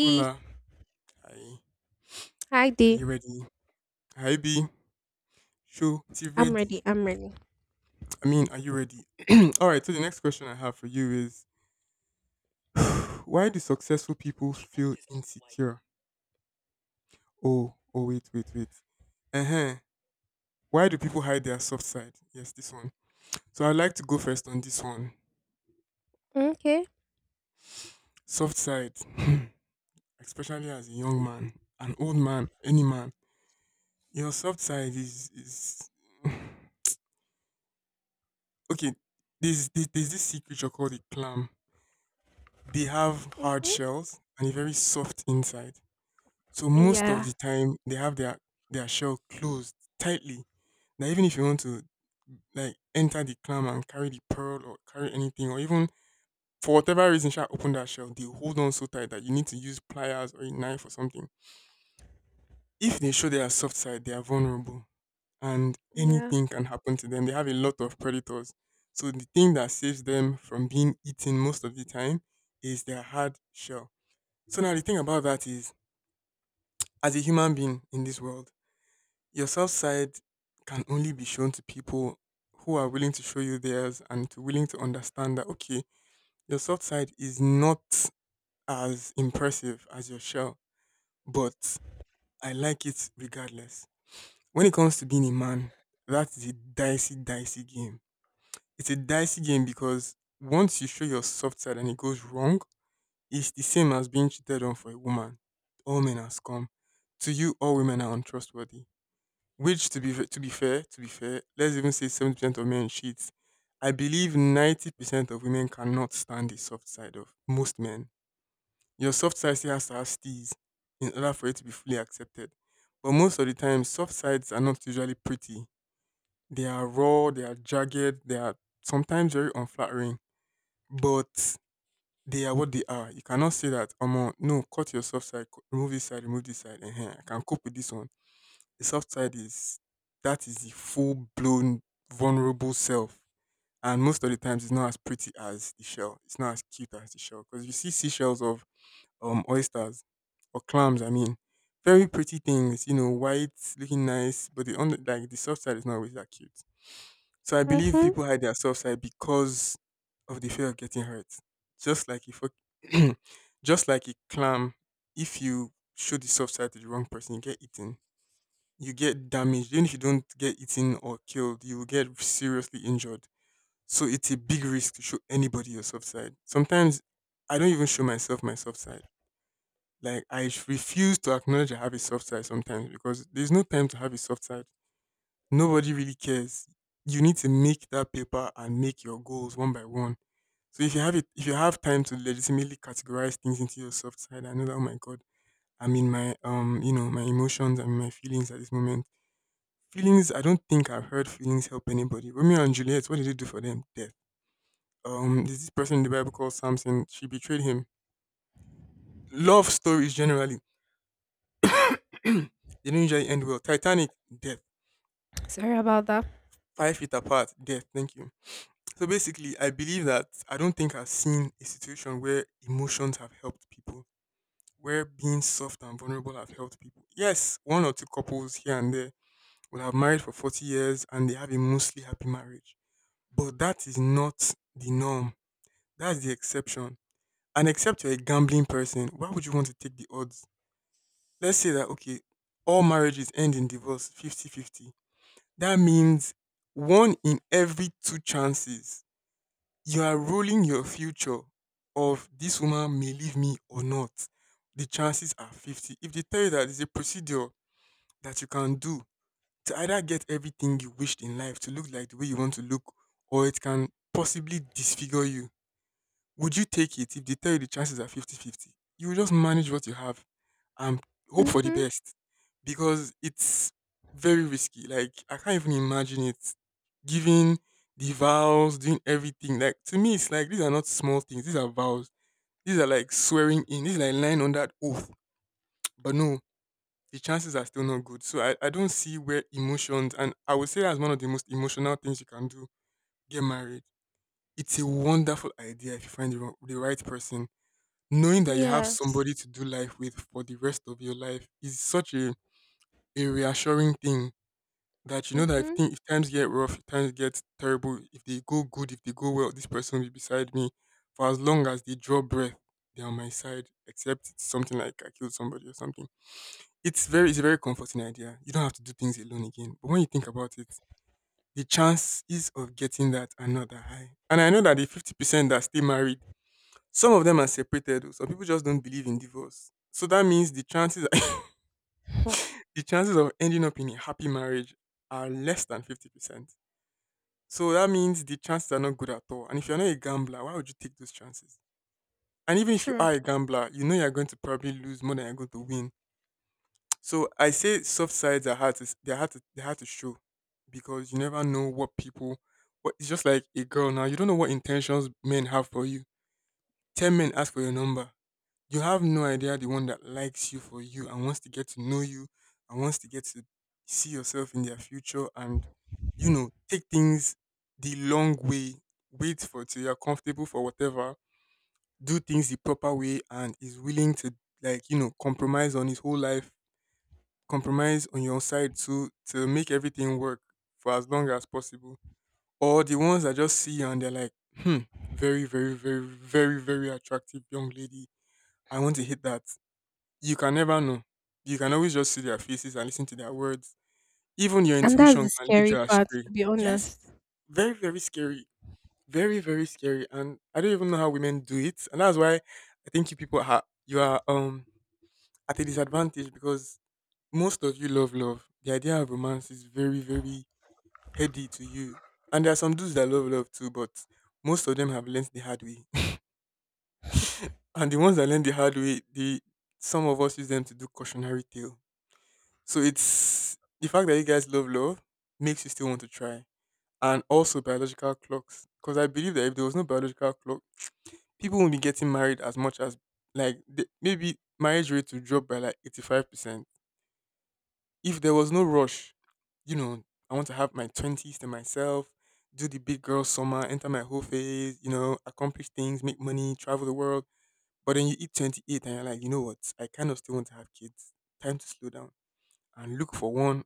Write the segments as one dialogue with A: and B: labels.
A: Hola, hi.
B: Hi,
A: Are
B: D.
A: you ready? Hi, B. Show T ready.
B: I'm ready.
A: I mean, are you ready? All right. So the next question I have for you is, why do successful people feel insecure? Oh, oh, wait, wait, wait. Uh huh. Why do people hide their soft side? Yes, this one. So I'd like to go first on this one.
B: Okay.
A: Soft side, especially as a young man, an old man, any man. Your soft side is okay. There's this secret you're called a clam. They have hard
B: Mm-hmm.
A: shells and a very soft inside. So most of
B: Yeah.
A: the time they have their shell closed tightly. That even if you want to like enter the clam and carry the pearl or carry anything or even for whatever reason shall open that shell, they hold on so tight that you need to use pliers or a knife or something. If they show their soft side, they are vulnerable, and
B: Yeah.
A: anything can happen to them. They have a lot of predators. So the thing that saves them from being eaten most of the time is their hard shell. So now the thing about that is, as a human being in this world, your self side can only be shown to people who are willing to show you theirs and to willing to understand that, okay, your soft side is not as impressive as your shell, but I like it regardless. When it comes to being a man, that is a dicey, dicey game. It's a dicey game because once you show your soft side and it goes wrong, it's the same as being cheated on for a woman. All men are scum. To you, all women are untrustworthy. Which, to be fair, let's even say 70% of men cheat. I believe 90% of women cannot stand the soft side of most men. Your soft side still has to have steez in order for it to be fully accepted. But most of the time, soft sides are not usually pretty. They are raw. They are jagged. They are sometimes very unflattering. But they are what they are. You cannot say that, no, cut your soft side, remove this side, remove this side, and here I can cope with this one. The soft side is that is the full blown vulnerable self. And most of the times it's not as pretty as the shell. It's not as cute as the shell. Because you see seashells of oysters or clams, I mean, very pretty things, you know, white, looking nice, but the under like the soft side is not always that cute. So I believe
B: Mm-hmm.
A: people hide their soft side because of the fear of getting hurt. Just like if a- just like a clam, if you show the soft side to the wrong person, you get eaten. You get damaged. Even if you don't get eaten or killed, you will get seriously injured. So it's a big risk to show anybody your soft side. Sometimes I don't even show myself my soft side. Like I refuse to acknowledge I have a soft side sometimes because there's no time to have a soft side. Nobody really cares. You need to make that paper and make your goals one by one. So if you have it, if you have time to legitimately categorize things into your soft side, I know that. Oh my god, I'm in my emotions and my feelings at this moment. Feelings. I don't think I've heard feelings help anybody. Romeo and Juliet. What did they do for them? Death. There's this person in the Bible called Samson. She betrayed him. Love stories generally, they don't usually end well. Titanic. Death.
B: Sorry about that.
A: Five Feet Apart. Death. Thank you. So basically, I believe that I don't think I've seen a situation where emotions have helped people, where being soft and vulnerable have helped people. Yes, one or two couples here and there will have married for 40 years and they have a mostly happy marriage. But that is not the norm. That's the exception. And except you're a gambling person, why would you want to take the odds? Let's say that, okay, all marriages end in divorce 50-50. That means one in every two chances. You are ruling your future of this woman may leave me or not. The chances are 50. If they tell you that there's a procedure that you can do to either get everything you wished in life to look like the way you want to look, or it can possibly disfigure you, would you take it if they tell you the chances are 50-50? You will just manage what you have and hope for the
B: Mm-hmm.
A: best, because it's very risky. Like I can't even imagine it. Giving the vows, doing everything. Like to me, it's like these are not small things. These are vows. These are like swearing in. These are like lying on that oath. But no, the chances are still not good. So I don't see where emotions, and I would say that's one of the most emotional things you can do. Get married. It's a wonderful idea if you find the right person. Knowing that you have
B: Yes.
A: somebody to do life with for the rest of your life is such a reassuring thing, that you know that
B: Mm-hmm.
A: if times get rough, if times get terrible, if they go good, if they go well, this person will be beside me for as long as they draw breath. They're on my side, except it's something like I killed somebody or something. It's a very comforting idea. You don't have to do things alone again. But when you think about it, the chances of getting that are not that high. And I know that the 50% that stay married, some of them are separated. Oh. Some people just don't believe in divorce. So that means the chances the chances of ending up in a happy marriage are less than 50%. So that means the chances are not good at all. And if you're not a gambler, why would you take those chances? And even if you
B: True.
A: are a gambler, you know you're going to probably lose more than you're going to win. So I say soft sides are hard to s- they're hard to they hard to show, because you never know what it's just like a girl now. You don't know what intentions men have for you. Ten men ask for your number. You have no idea the one that likes you for you and wants to get to know you and wants to get to see yourself in their future and, you know, take things the long way, wait for till you're comfortable for whatever, do things the proper way and is willing to, like, you know, compromise on his whole life, compromise on your side too to make everything work for as long as possible. Or the ones that just see you and they're like, very, very, very, very, very attractive young lady. I want to hit that. You can never know. You can always just see their faces and listen to their words. Even your
B: And that's
A: intuition
B: the
A: can lead
B: scary
A: you
B: part,
A: astray.
B: to be
A: Yes.
B: honest.
A: Very, very scary. Very, very scary. And I don't even know how women do it. And that's why I think you are at a disadvantage, because most of you love love. The idea of romance is very, very heady to you. And there are some dudes that love love too, but most of them have learned the hard way. And the ones that learn the hard way, the some of us use them to do cautionary tale. So it's the fact that you guys love love makes you still want to try. And also biological clocks. Because I believe that if there was no biological clock, people won't be getting married as much as like maybe marriage rate would drop by like 85%. If there was no rush, you know, I want to have my 20s to myself, do the big girl summer, enter my whole phase, you know, accomplish things, make money, travel the world. But then you hit 28 and you're like, you know what? I kind of still want to have kids. Time to slow down and look for one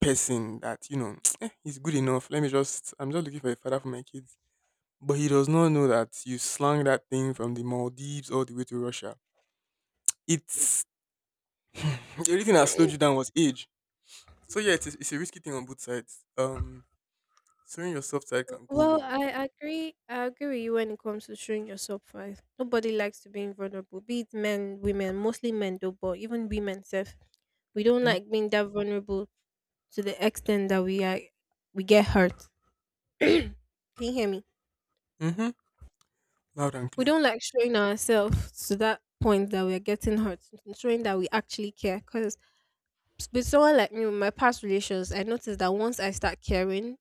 A: person that you know "Eh, he's good enough. Let me just looking for a father for my kids." But he does not know that you slung that thing from the Maldives all the way to Russia. It's the only thing that slowed you down was age. So yeah, it's a risky thing on both sides. Sewing your soft side can go
B: Well,
A: wrong.
B: I agree. I agree with you when it comes to showing yourself first. Nobody likes to being vulnerable, be it men, women, mostly men though, but even women self. We don't
A: Mm-hmm.
B: like being that vulnerable to the extent that we get hurt. Can you hear me?
A: Mm-hmm. Loud and
B: We
A: clear.
B: don't like showing ourselves to that point that we're getting hurt, and showing that we actually care. Because with someone like me, with my past relations, I noticed that once I start caring,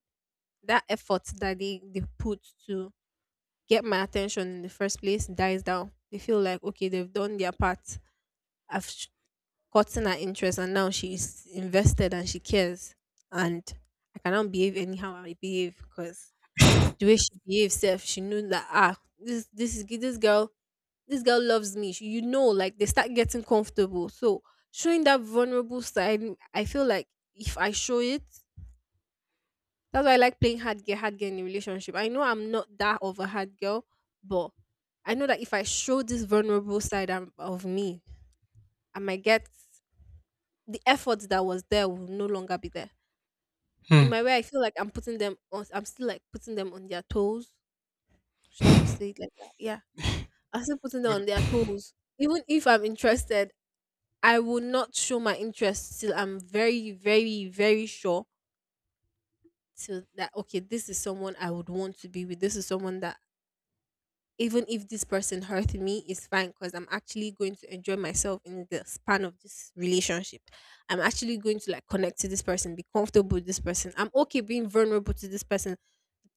B: that effort that they put to get my attention in the first place dies down. They feel like, okay, they've done their part. I've sh- Gotten her interest, and now she's invested and she cares. And I cannot behave anyhow I behave because the way she behaves, self, she knew that, ah, this girl this girl loves me. She, you know, like they start getting comfortable. So showing that vulnerable side, I feel like if I show it, that's why I like playing hard girl in a relationship. I know I'm not that of a hard girl, but I know that if I show this vulnerable side of me, I might get the effort that was there will no longer be there. In
A: Hmm.
B: my way, I feel like I'm putting them on. I'm still like putting them on their toes. Should I say it like that? Yeah, I'm still putting them
A: but
B: on their toes even if I'm interested, I will not show my interest till I'm very, very, very sure till that okay, this is someone I would want to be with. This is someone that even if this person hurt me, is fine because I'm actually going to enjoy myself in the span of this relationship. I'm actually going to like connect to this person, be comfortable with this person. I'm okay being vulnerable to this person.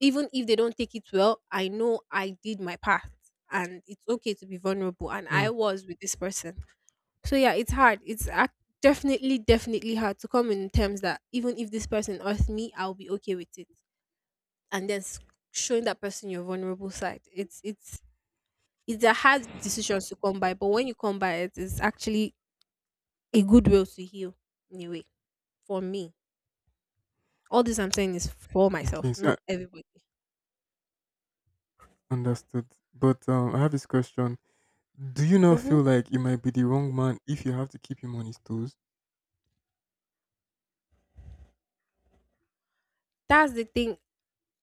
B: Even if they don't take it well, I know I did my part and it's okay to be vulnerable and
A: Hmm.
B: I was with this person. So yeah, it's hard. Definitely, definitely hard to come in terms that even if this person hurts me, I'll be okay with it. And showing that person your vulnerable side, it's a hard decision to come by. But when you come by it, it's actually a good way to heal. Anyway, for me, all this I'm saying is for
A: okay,
B: myself,
A: so I
B: not everybody.
A: understood. But I have this question. Do you not
B: Hmm.
A: feel like you might be the wrong man if you have to keep him on his toes?
B: That's the thing.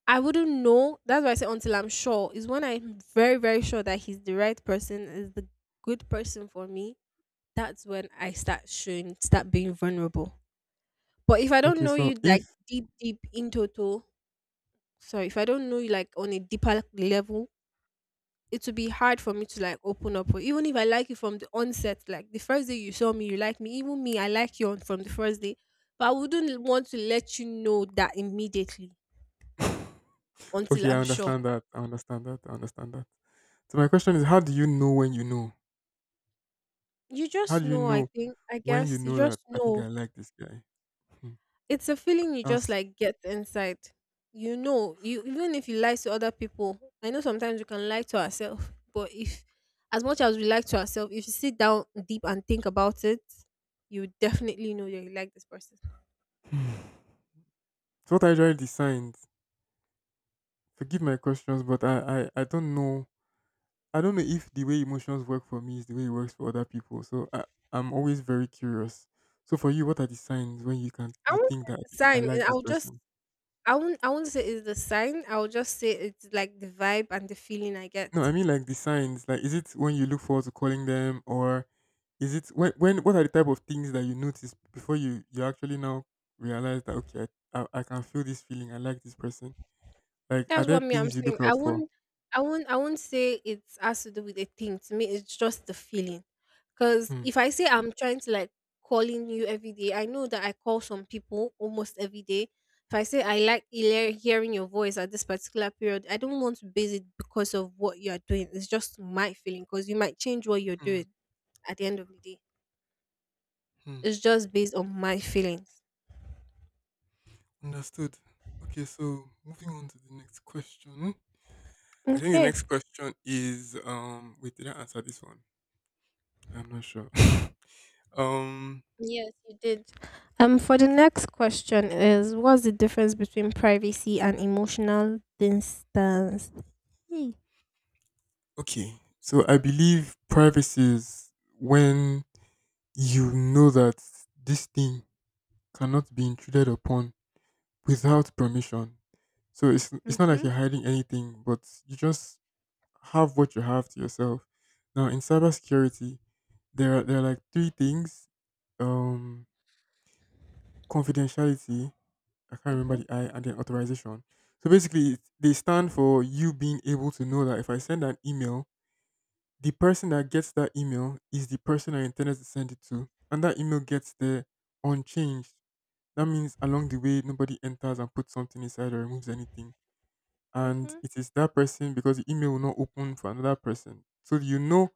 B: I wouldn't know. That's why I say until I'm sure. Is when I'm very, very sure that he's the right person, is the good person for me that's when I start showing, start being vulnerable. But if I don't
A: Okay,
B: know
A: so
B: you
A: if
B: like deep, deep in total, sorry, if I don't know you like on a deeper level, it will be hard for me to like open up. Or even if I like you from the onset, like the first day you saw me, you like me. Even me, I like you from the first day. But I wouldn't want to let you know that immediately until
A: okay, I
B: I'm sure.
A: understand that. I understand that. I understand that. So my question is, how do you know when you know?
B: You
A: How
B: just
A: do you
B: know, I
A: know
B: think, I
A: when you
B: guess, you
A: know that
B: just
A: I think
B: know.
A: I like this guy? Hmm.
B: It's a feeling you just
A: That's
B: like get inside. You know, you even if you lie to other people, I know sometimes we can lie to ourselves, but if as much as we lie to ourselves, if you sit down deep and think about it, you definitely know that you like this person.
A: hmm. so what I try the signs. Forgive my questions, but I don't know. I don't know if the way emotions work for me is the way it works for other people. So I'm always very curious. So for you, what are the signs when you can
B: I
A: you
B: won't say
A: think that
B: it's a
A: I
B: sign, and
A: like this
B: I'll just
A: person?
B: I won't say it's the sign, I'll just say it's like the vibe and the feeling I get.
A: No, I mean like the signs. Like, is it when you look forward to calling them, or is it when? When? What are the type of things that you notice before you actually now realize that okay, I can feel this feeling. I like this person. Like, are
B: That's
A: there
B: what me I'm
A: things you
B: saying.
A: look
B: I
A: out for?
B: won't I won't I won't say it has to do with a thing. To me, it's just the feeling. Cause
A: Hmm.
B: if I say I'm trying to like calling you every day, I know that I call some people almost every day. If I say I like hearing your voice at this particular period, I don't want to base it because of what you are doing. It's just my feeling because you might change what you're
A: Hmm,
B: doing at the end of the day.
A: hmm.
B: It's just based on my feelings.
A: Understood. Okay, so moving on to the next question. I think the
B: Okay.
A: next question is wait, did I answer this one? I'm not sure. um
B: Yes, you did. For the next question is what's the difference between privacy and emotional distance? Hmm.
A: okay. So I believe privacy is when you know that this thing cannot be intruded upon without permission. So it's not like
B: Mm-hmm,
A: you're hiding anything, but you just have what you have to yourself. Now in cybersecurity, there are like three things: um, confidentiality. I can't remember
B: mm-hmm,
A: the I and then authorization. So basically, it's- they stand for you being able to know that if I send an email, the person that gets that email is the person I intended to send it to, and that email gets there unchanged. That means along the way, nobody enters and puts something inside or removes anything. And
B: mm-hmm.
A: it is that person because the email will not open for another person. So you know,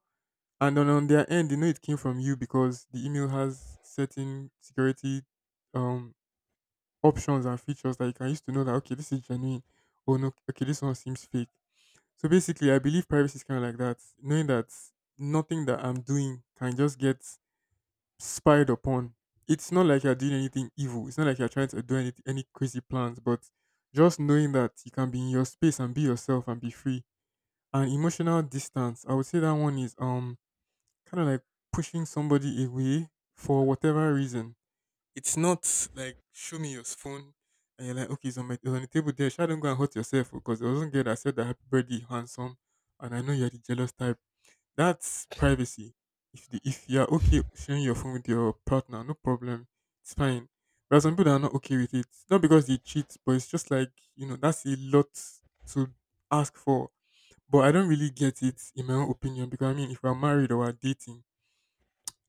A: and then on their end, they know it came from you because the email has certain security um, options and features that you can use to know that, okay, this is genuine. Oh, no, okay, this one seems fake. So basically, I believe privacy is kind of like that, knowing that nothing that I'm doing can just get spied upon. It's not like you're doing anything evil. It's not like you're trying to do any crazy plans, but just knowing that you can be in your space and be yourself and be free. And emotional distance, I would say that one is kind of like pushing somebody away for whatever reason. It's not like show me your phone and you're like, okay, it's on the table there. Sure, don't go and hurt yourself because there wasn't girl that said that happy birthday, handsome. And I know you're the jealous type. That's privacy. If you're okay sharing your phone with your partner, no problem. It's fine. But some people that are not okay with it. Not because they cheat, but it's just like, you know, that's a lot to ask for. But I don't really get it in my own opinion because I mean if we're married or we're dating,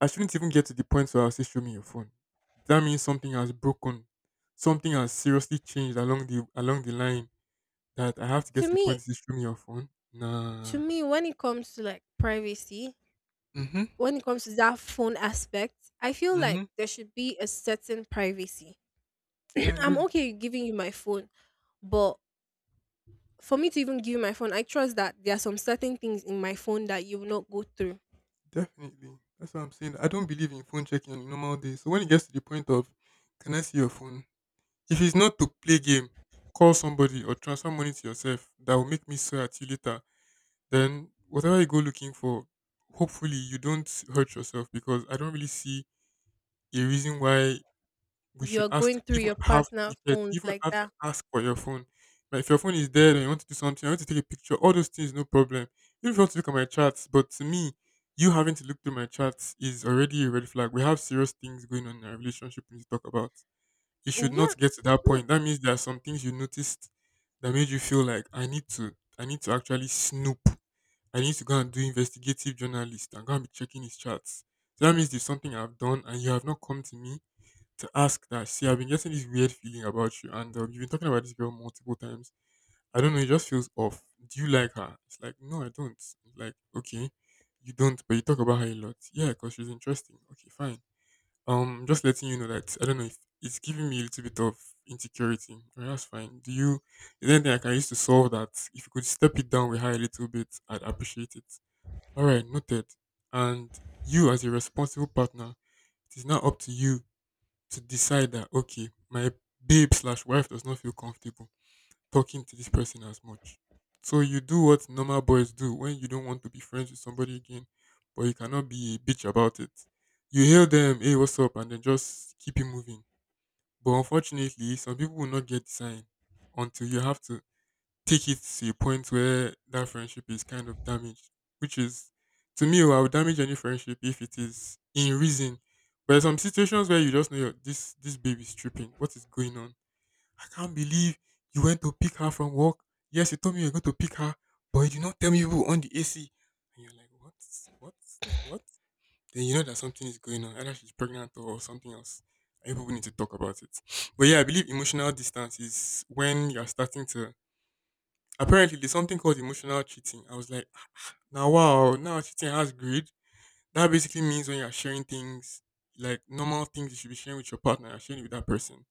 A: I shouldn't even get to the point where I'll say show me your phone. That means something has broken. Something has seriously changed along the line that I have to get
B: To
A: to the point
B: me,
A: to say, show me your phone.
B: to
A: Nah.
B: me, when it comes to like privacy,
A: Mm-hmm.
B: when it comes to that phone aspect, I feel
A: Mm-hmm.
B: like there should be a certain privacy.
A: I
B: I'm
A: agree.
B: okay with giving you my phone, but for me to even give you my phone, I trust that there are some certain things in my phone that you will not go through.
A: Definitely. That's what I'm saying. I don't believe in phone checking on a normal day. So when it gets to the point of can I see your phone? If it's not to play game, call somebody or transfer money to yourself that will make me swear at you later, then whatever you go looking for, hopefully you don't hurt yourself because I don't really see a reason why we
B: You
A: should
B: are
A: ask
B: going
A: to
B: through
A: even
B: your
A: have you
B: personal
A: get
B: phones
A: even
B: like
A: have to
B: that
A: ask for your phone. Like if your phone is dead and you want to do something, I want to take a picture, all those things no problem. Even if you want to look at my chats, but to me, you having to look through my chats is already a red flag. We have serious things going on in our relationship we need to talk about. It should
B: Yeah.
A: not get to that
B: Mm.
A: point. That means there are some things you noticed that made you feel like I need to actually snoop. I need to go and do investigative journalist and go and be checking his chats. So that means there's something I've done and you have not come to me to ask that, see, I've been getting this weird feeling about you, and you've been talking about this girl multiple times. I don't know, it just feels off. Do you like her? It's like, no, I don't. Like, okay, you don't, but you talk about her a lot. Yeah, because she's interesting. Okay, fine. Just letting you know that I don't know if it's giving me a little bit of insecurity. All right, that's fine. Do you? Is there anything I can use to solve that? If you could step it down with her a little bit, I'd appreciate it. All right, noted. And you, as a responsible partner, it is now up to you to decide that okay, my babe slash wife does not feel comfortable talking to this person as much. So you do what normal boys do when you don't want to be friends with somebody again, but you cannot be a bitch about it. You hail them, hey, what's up, and then just keep it moving. But unfortunately, some people will not get the sign until you have to take it to a point where that friendship is kind of damaged, which is to me, oh, I would damage any friendship if it is in reason. But there's some situations where you just know you're, this baby's tripping. What is going on? I can't believe you went to pick her from work. Yes, you told me you were going to pick her, but you did not tell me you were on the AC. And you're like, what, what? Then you know that something is going on. Either she's pregnant or something else. And people need to talk about it. But yeah, I believe emotional distance is when you're starting to apparently, there's something called emotional cheating. I was like, "Ah, now wow, now cheating has greed." That basically means when you're sharing things, like normal things you should be sharing with your partner, you're sharing it with that person.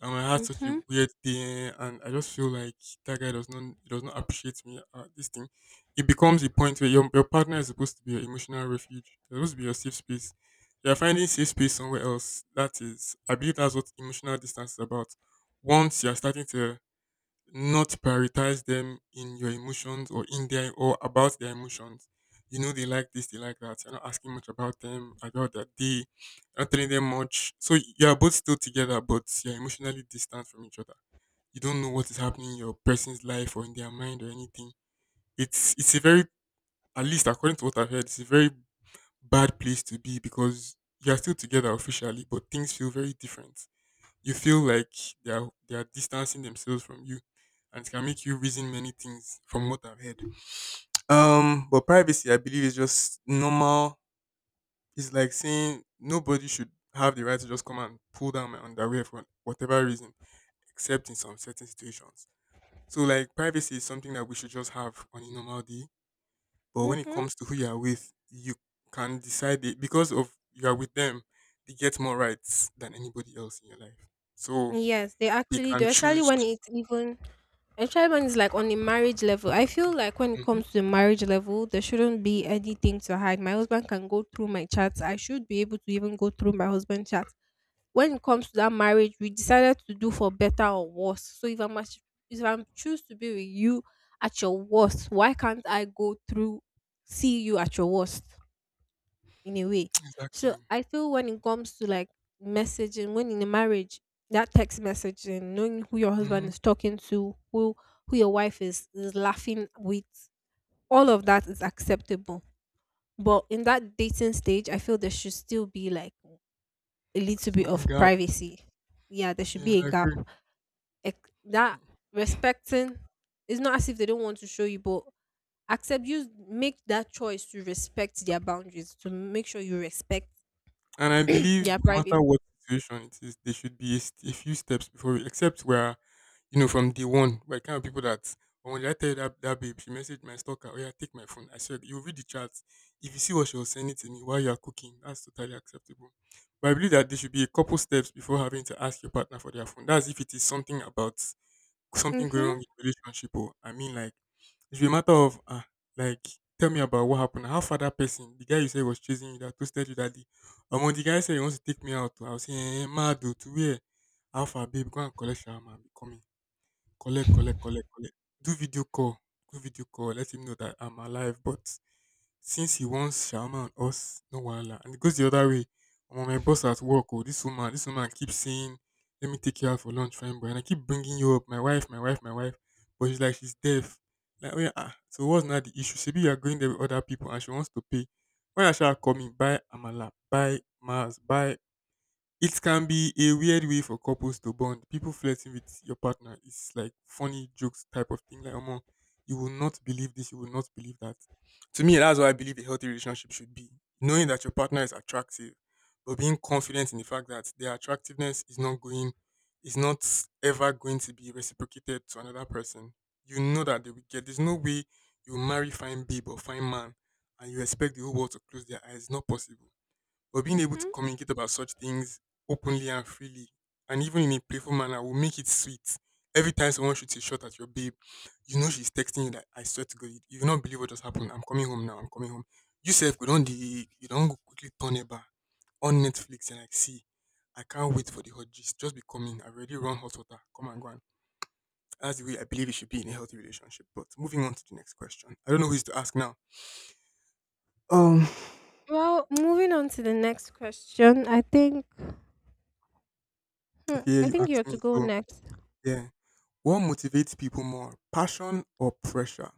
A: And I had such a
B: Mhm.
A: weird day, and I just feel like that guy does not appreciate me. This thing, it becomes a point where your partner is supposed to be your emotional refuge. They're supposed to be your safe space. You're finding safe space somewhere else. That is, I believe that's what emotional distance is about. Once you're starting to not prioritize them in your emotions or in their or about their emotions. You know they like this, they like that. You're not asking much about them, about their day, you're not telling them much. So you are both still together, but you're emotionally distant from each other. You don't know what is happening in your person's life or in their mind or anything. It's a very at least according to what I've heard, it's a very bad place to be because you are still together officially, but things feel very different. You feel like they are distancing themselves from you, and it can make you reason many things from what I've heard. But privacy, I believe, is just normal. It's like saying nobody should have the right to just come and pull down my underwear for whatever reason, except in some certain situations. So, like, privacy is something that we should just have on a normal day. But when it
B: Mhm.
A: comes to who you are with, you can decide it because of you are with them. They get more rights than anybody else in your life, so
B: Yes, they
A: they
B: actually
A: can
B: do. Especially
A: choose.
B: when it's even, especially when it's like on the marriage level. I feel like when it
A: Mm-hmm.
B: comes to the marriage level, there shouldn't be anything to hide. My husband can go through my chats. I should be able to even go through my husband's chats. When it comes to that marriage, we decided to do for better or worse. So if I'm choose to be with you at your worst, why can't I go through see you at your worst? In a way. So
A: Exactly.
B: I feel when it comes to like messaging, when in a marriage, that text messaging, knowing who your husband
A: Mm-hmm.
B: is talking to, who your wife is laughing with, all of that is acceptable. But in that dating stage, I feel there should still be like a little bit
A: Some
B: of
A: gap.
B: privacy. Yeah, there should
A: Yeah,
B: be a
A: I
B: gap.
A: agree.
B: That
A: Mm.
B: respecting it's not as if they don't want to show you, but accept you make that choice to respect their boundaries to make sure you respect
A: And I believe
B: yeah,
A: no
B: privacy.
A: matter what situation it is, there should be a, st- a few steps before we, except where, you know, from day one, we're kind of people that, oh, when I tell you that, that babe, she messaged my stalker, oh, yeah, take my phone. I said, you read the chat. If you see what she was sending to me while you're cooking, that's totally acceptable. But I believe that there should be a couple steps before having to ask your partner for their phone. That's if it is something about something going wrong
B: Mhm.
A: in the relationship. Oh! I mean, like it's a matter of like tell me about what happened. How far that person, the guy you said was chasing you, that toasted you that day, and when the guy said he wants to take me out, oh, I was saying, eh, eh, mad oh, to where? How far, babe? Go and collect your man, be coming. Collect, collect, collect, collect. Do video call. Do video call. Let him know that I'm alive. But since he wants Sharma and us, no wala. And it goes the other way. I'm my boss at work. Oh, this woman keeps saying, "Let me take you out for lunch, friend boy." And I keep bringing you up, my wife, my wife, my wife. But she's like, she's deaf. Like, oh yeah, So what's not the issue? Maybe you are going there with other people, and she wants to pay. When I shall call me, buy amala, buy Mars, buy it can be a weird way for couples to bond. People flirting with your partner is like funny jokes type of thing. Like, oh, you will not believe this, you will not believe that. To me, that's what I believe a healthy relationship should be. Knowing that your partner is attractive, but being confident in the fact that their attractiveness is not ever going to be reciprocated to another person. You know that they will get. There's no way you marry fine babe or fine man and you expect the whole world to close their eyes. Not possible, but being able to
B: Mhm.
A: communicate about such things openly and freely, and even in a playful manner, will make it sweet. Every time someone shoots a shot at your babe, you know she's texting you that I swear to God, you will not believe what just happened. I'm coming home now. I'm coming home. You self go don't the you don't go, quickly turn it back on Netflix and like see. I can't wait for the hot gist. Just be coming. I've already run hot water. Come and go on. That's the way I believe it should be in a healthy relationship. But moving on to the next question. I don't know who is to ask now. Um,
B: Well, moving on to the next question, I think hmm,
A: Okay, yeah,
B: I
A: you
B: think you're
A: asked
B: to
A: me.
B: go
A: So
B: next.
A: yeah. What motivates people more, passion or pressure?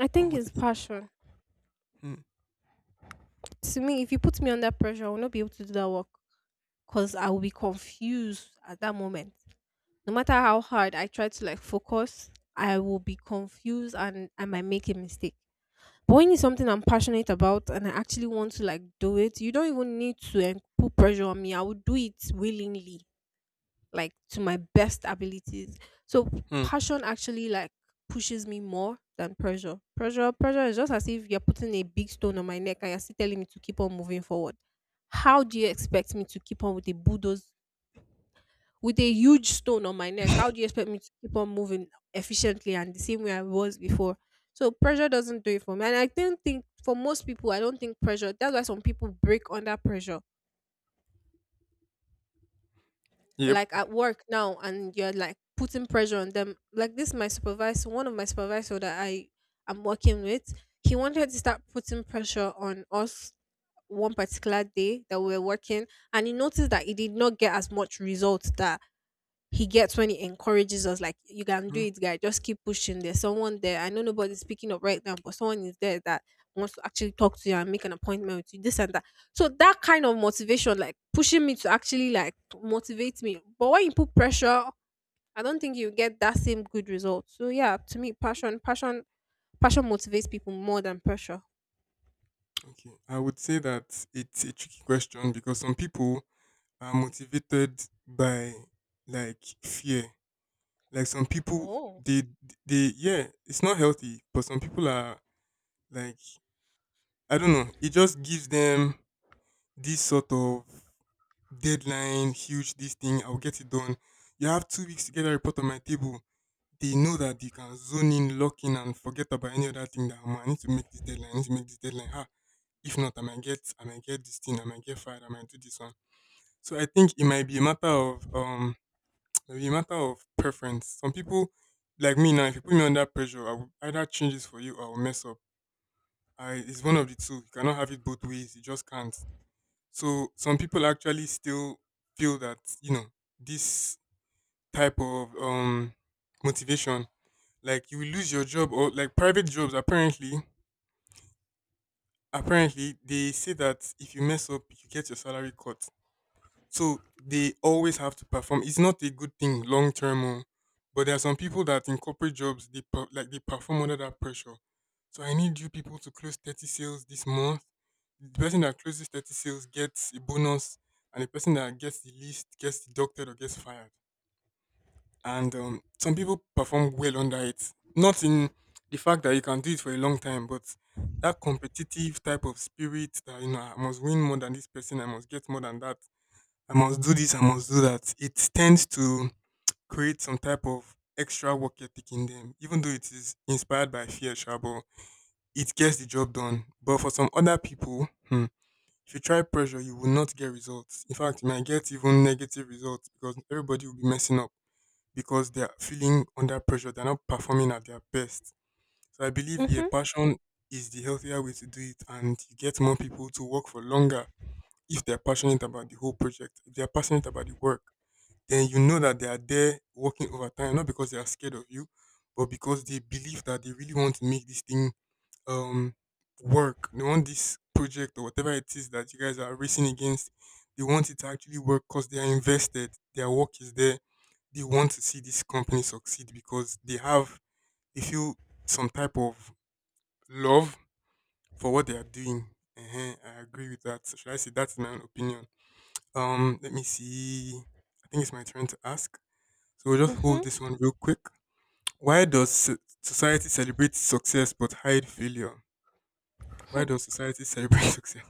B: I
A: What
B: think it's
A: motivates?
B: passion.
A: Hmm.
B: To me, if you put me under pressure, I will not be able to do that work because I will be confused at that moment. No matter how hard I try to like focus, I will be confused and I might make a mistake. But when it's something I'm passionate about and I actually want to like do it, you don't even need to put pressure on me. I will do it willingly like to my best abilities. So
A: Hmm.
B: passion actually like pushes me more than pressure. Pressure, pressure is just as if you're putting a big stone on my neck and you're still telling me to keep on moving forward. How do you expect me to keep on with a bulldoze with a huge stone on my neck? How do you expect me to keep on moving efficiently and the same way I was before? So pressure doesn't do it for me. And I don't think for most people, I don't think pressure. That's why some people break under pressure
A: Yep.
B: like at work now and you're like putting pressure on them like this my supervisor one of my supervisor that I am working with he wanted to start putting pressure on us one particular day that we were working and he noticed that he did not get as much results that he gets when he encourages us like you can do
A: Hmm.
B: it guy just keep pushing there's someone there I know nobody's picking up right now but someone is there that wants to actually talk to you and make an appointment with you this and that so that kind of motivation like pushing me to actually like to motivate me but when you put pressure I don't think you get that same good result so yeah to me passion passion motivates people more than pressure.
A: Okay. I would say that it's a tricky question because some people are motivated by like fear. Like some people,
B: Oh.
A: yeah, it's not healthy, but some people are like, I don't know, it just gives them this sort of deadline, huge, this thing, I'll get it done. You have 2 weeks to get a report on my table. They know that they can zone in, lock in, and forget about any other thing that, "Omo, I need to make this deadline, I need to make this deadline. Ah, if not, I might get this thing, I might get fired, I might do this one." So I think it might be a matter of maybe a matter of preference. Some people, like me now, if you put me under pressure, I will either change this for you or I will mess up. I It's one of the two. You cannot have it both ways, you just can't. So some people actually still feel that, you know, this type of motivation, like you will lose your job, or like private jobs, apparently they say that if you mess up you get your salary cut, so they always have to perform. It's not a good thing long term, oh. But there are some people that in corporate jobs they like they perform under that pressure. So I need you people to close 30 sales this month. The person that closes 30 sales gets a bonus, and the person that gets the least gets deducted or gets fired. And some people perform well under it. Not in the fact that you can do it for a long time, but that competitive type of spirit, that you know I must win more than this person, I must get more than that, I must do this, I must do that. It tends to create some type of extra work ethic in them, even though it is inspired by fear, sha, but it gets the job done. But for some other people, hmm, if you try pressure, you will not get results. In fact, you might get even negative results because everybody will be messing up because they're feeling under pressure. They're not performing at their best. So I believe, yeah,
B: mm-hmm,
A: passion is the healthier way to do it, and you get more people to work for longer if they're passionate about the whole project. If they're passionate about the work, then you know that they are there working overtime, not because they are scared of you, but because they believe that they really want to make this thing um work. They want this project or whatever it is that you guys are racing against. They want it to actually work because they are invested. Their work is there. They want to see this company succeed because they have, they feel some type of love for what they are doing. uh I agree with that. So should I say that's my own opinion? Let me see. I think it's my turn to ask. So we'll just
B: mm-hmm.
A: hold this one real quick. Why does society celebrate success but hide failure? Why does society celebrate success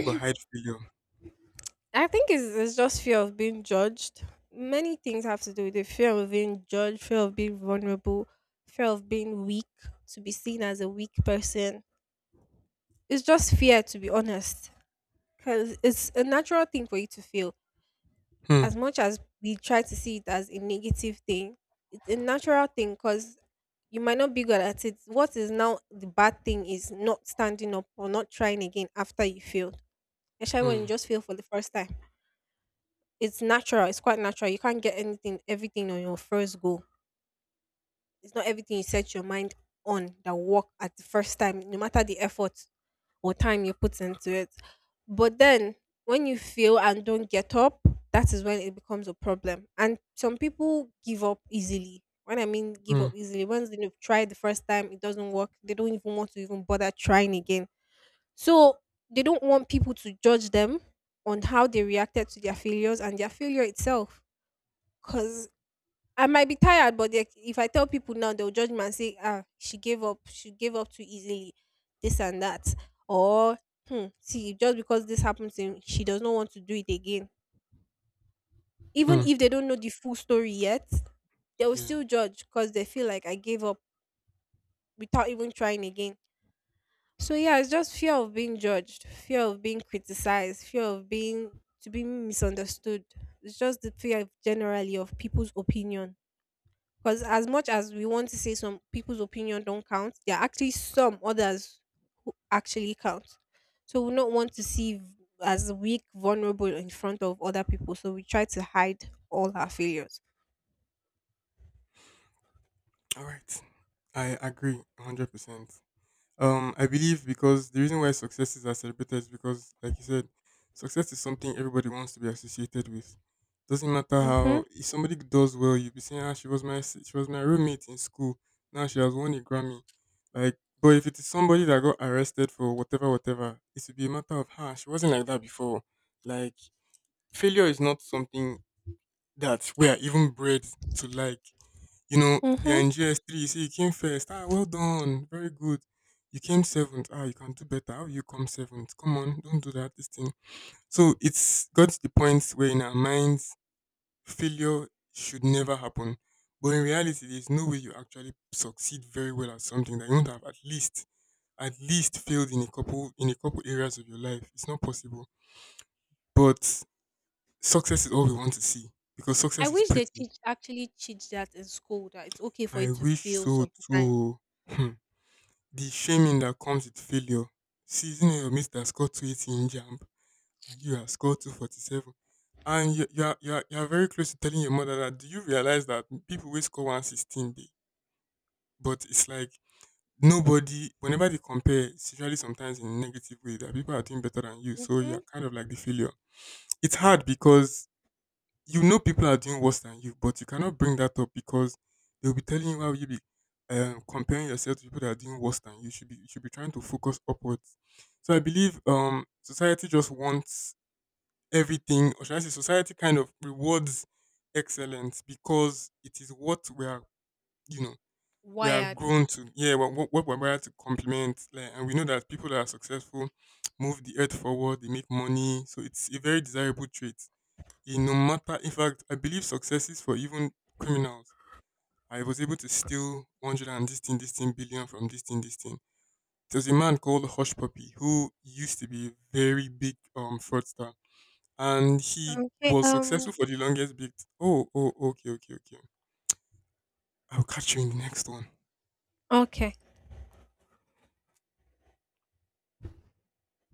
A: but hide failure?
B: I think it's just fear of being judged. Many things have to do with the fear of being judged, fear of being vulnerable, fear of being weak, to be seen as a weak person. It's just fear, to be honest, because it's a natural thing for you to feel.
A: Hmm.
B: As much as we try to see it as a negative thing, it's a natural thing because you might not be good at it. What is now the bad thing is not standing up or not trying again after you failed, especially when you
A: Hmm.
B: just fail for the first time. It's natural. It's quite natural. You can't get anything, everything on your first go. It's not everything you set your mind on that work at the first time, no matter the effort or time you put into it. But then when you fail and don't get up, that is when it becomes a problem. And some people give up easily. When I mean give
A: Hmm.
B: up easily, once they've tried the first time, it doesn't work. They don't even want to even bother trying again. So they don't want people to judge them on how they reacted to their failures and their failure itself Cause I might be tired, but they, if I tell people now, they'll judge me and say, "Ah, she gave up. She gave up too easily. This and that." Or, hmm, see, just because this happened to him, she does not want to do it again. Even
A: Hmm.
B: if they don't know the full story yet, they will
A: Yeah.
B: still judge because they feel like I gave up without even trying again. So yeah, it's just fear of being judged, fear of being criticized, fear of being to be misunderstood. It's just the fear of generally of people's opinion. Because as much as we want to say some people's opinion don't count, there are actually some others who actually count. So we don't want to as weak, vulnerable in front of other people. So we try to hide all our failures.
A: All right. I agree 100%. I believe because the reason why successes are celebrated is because, like you said, success is something everybody wants to be associated with. Doesn't matter
B: Mhm.
A: how. If somebody does well, you'll be saying, "Ah, she was my roommate in school. Now she has won a Grammy." Like, but if it is somebody that got arrested for whatever, whatever, it will be a matter of, "Ah, she wasn't like that before." Like, failure is not something that we are even bred to like. You know, we are
B: Mhm.
A: in GS3, you see, you came first. Ah, well done. Very good. You came seventh. Ah, you can do better. How you come seventh? Come on, don't do that, this thing. So it's got to the point where in our minds, failure should never happen. But in reality, there's no way you actually succeed very well at something that you won't have at least failed in a couple areas of your life. It's not possible. But success is all we want to see, because
B: I
A: success is
B: wish they
A: pretty.
B: teach actually teach that in school that it's okay for you
A: I
B: to
A: wish
B: fail
A: so
B: sometimes.
A: too. Hmm. The shaming that comes with failure. Season your mate that scored 280 in jump and you have scored 247. And you are very close to telling your mother that, do you realize that people will score 116? They, but it's like nobody, whenever they compare, it's usually sometimes in a negative way that people are doing better than you. So
B: Mhm.
A: you're kind of like the failure. It's hard because you know people are doing worse than you, but you cannot bring that up because they'll be telling you how you be comparing yourself to people that are doing worse than you. You should be trying to focus upwards. So I believe society just wants everything, or should I say society kind of rewards excellence because it is what we are, you know, we are
B: Wired.
A: grown to. Yeah, what we're wired to compliment, like, and we know that people that are successful move the earth forward, they make money, so it's a very desirable trait in no matter in fact, I believe successes for even criminals. I was able to steal 100 and this thing billion from this thing. There's a man called Hush Puppy who used to be a very big fraudster, and he
B: Okay.
A: was successful for the longest bit. Oh, oh. Okay, okay, okay. I'll catch you in the next one.
B: Okay.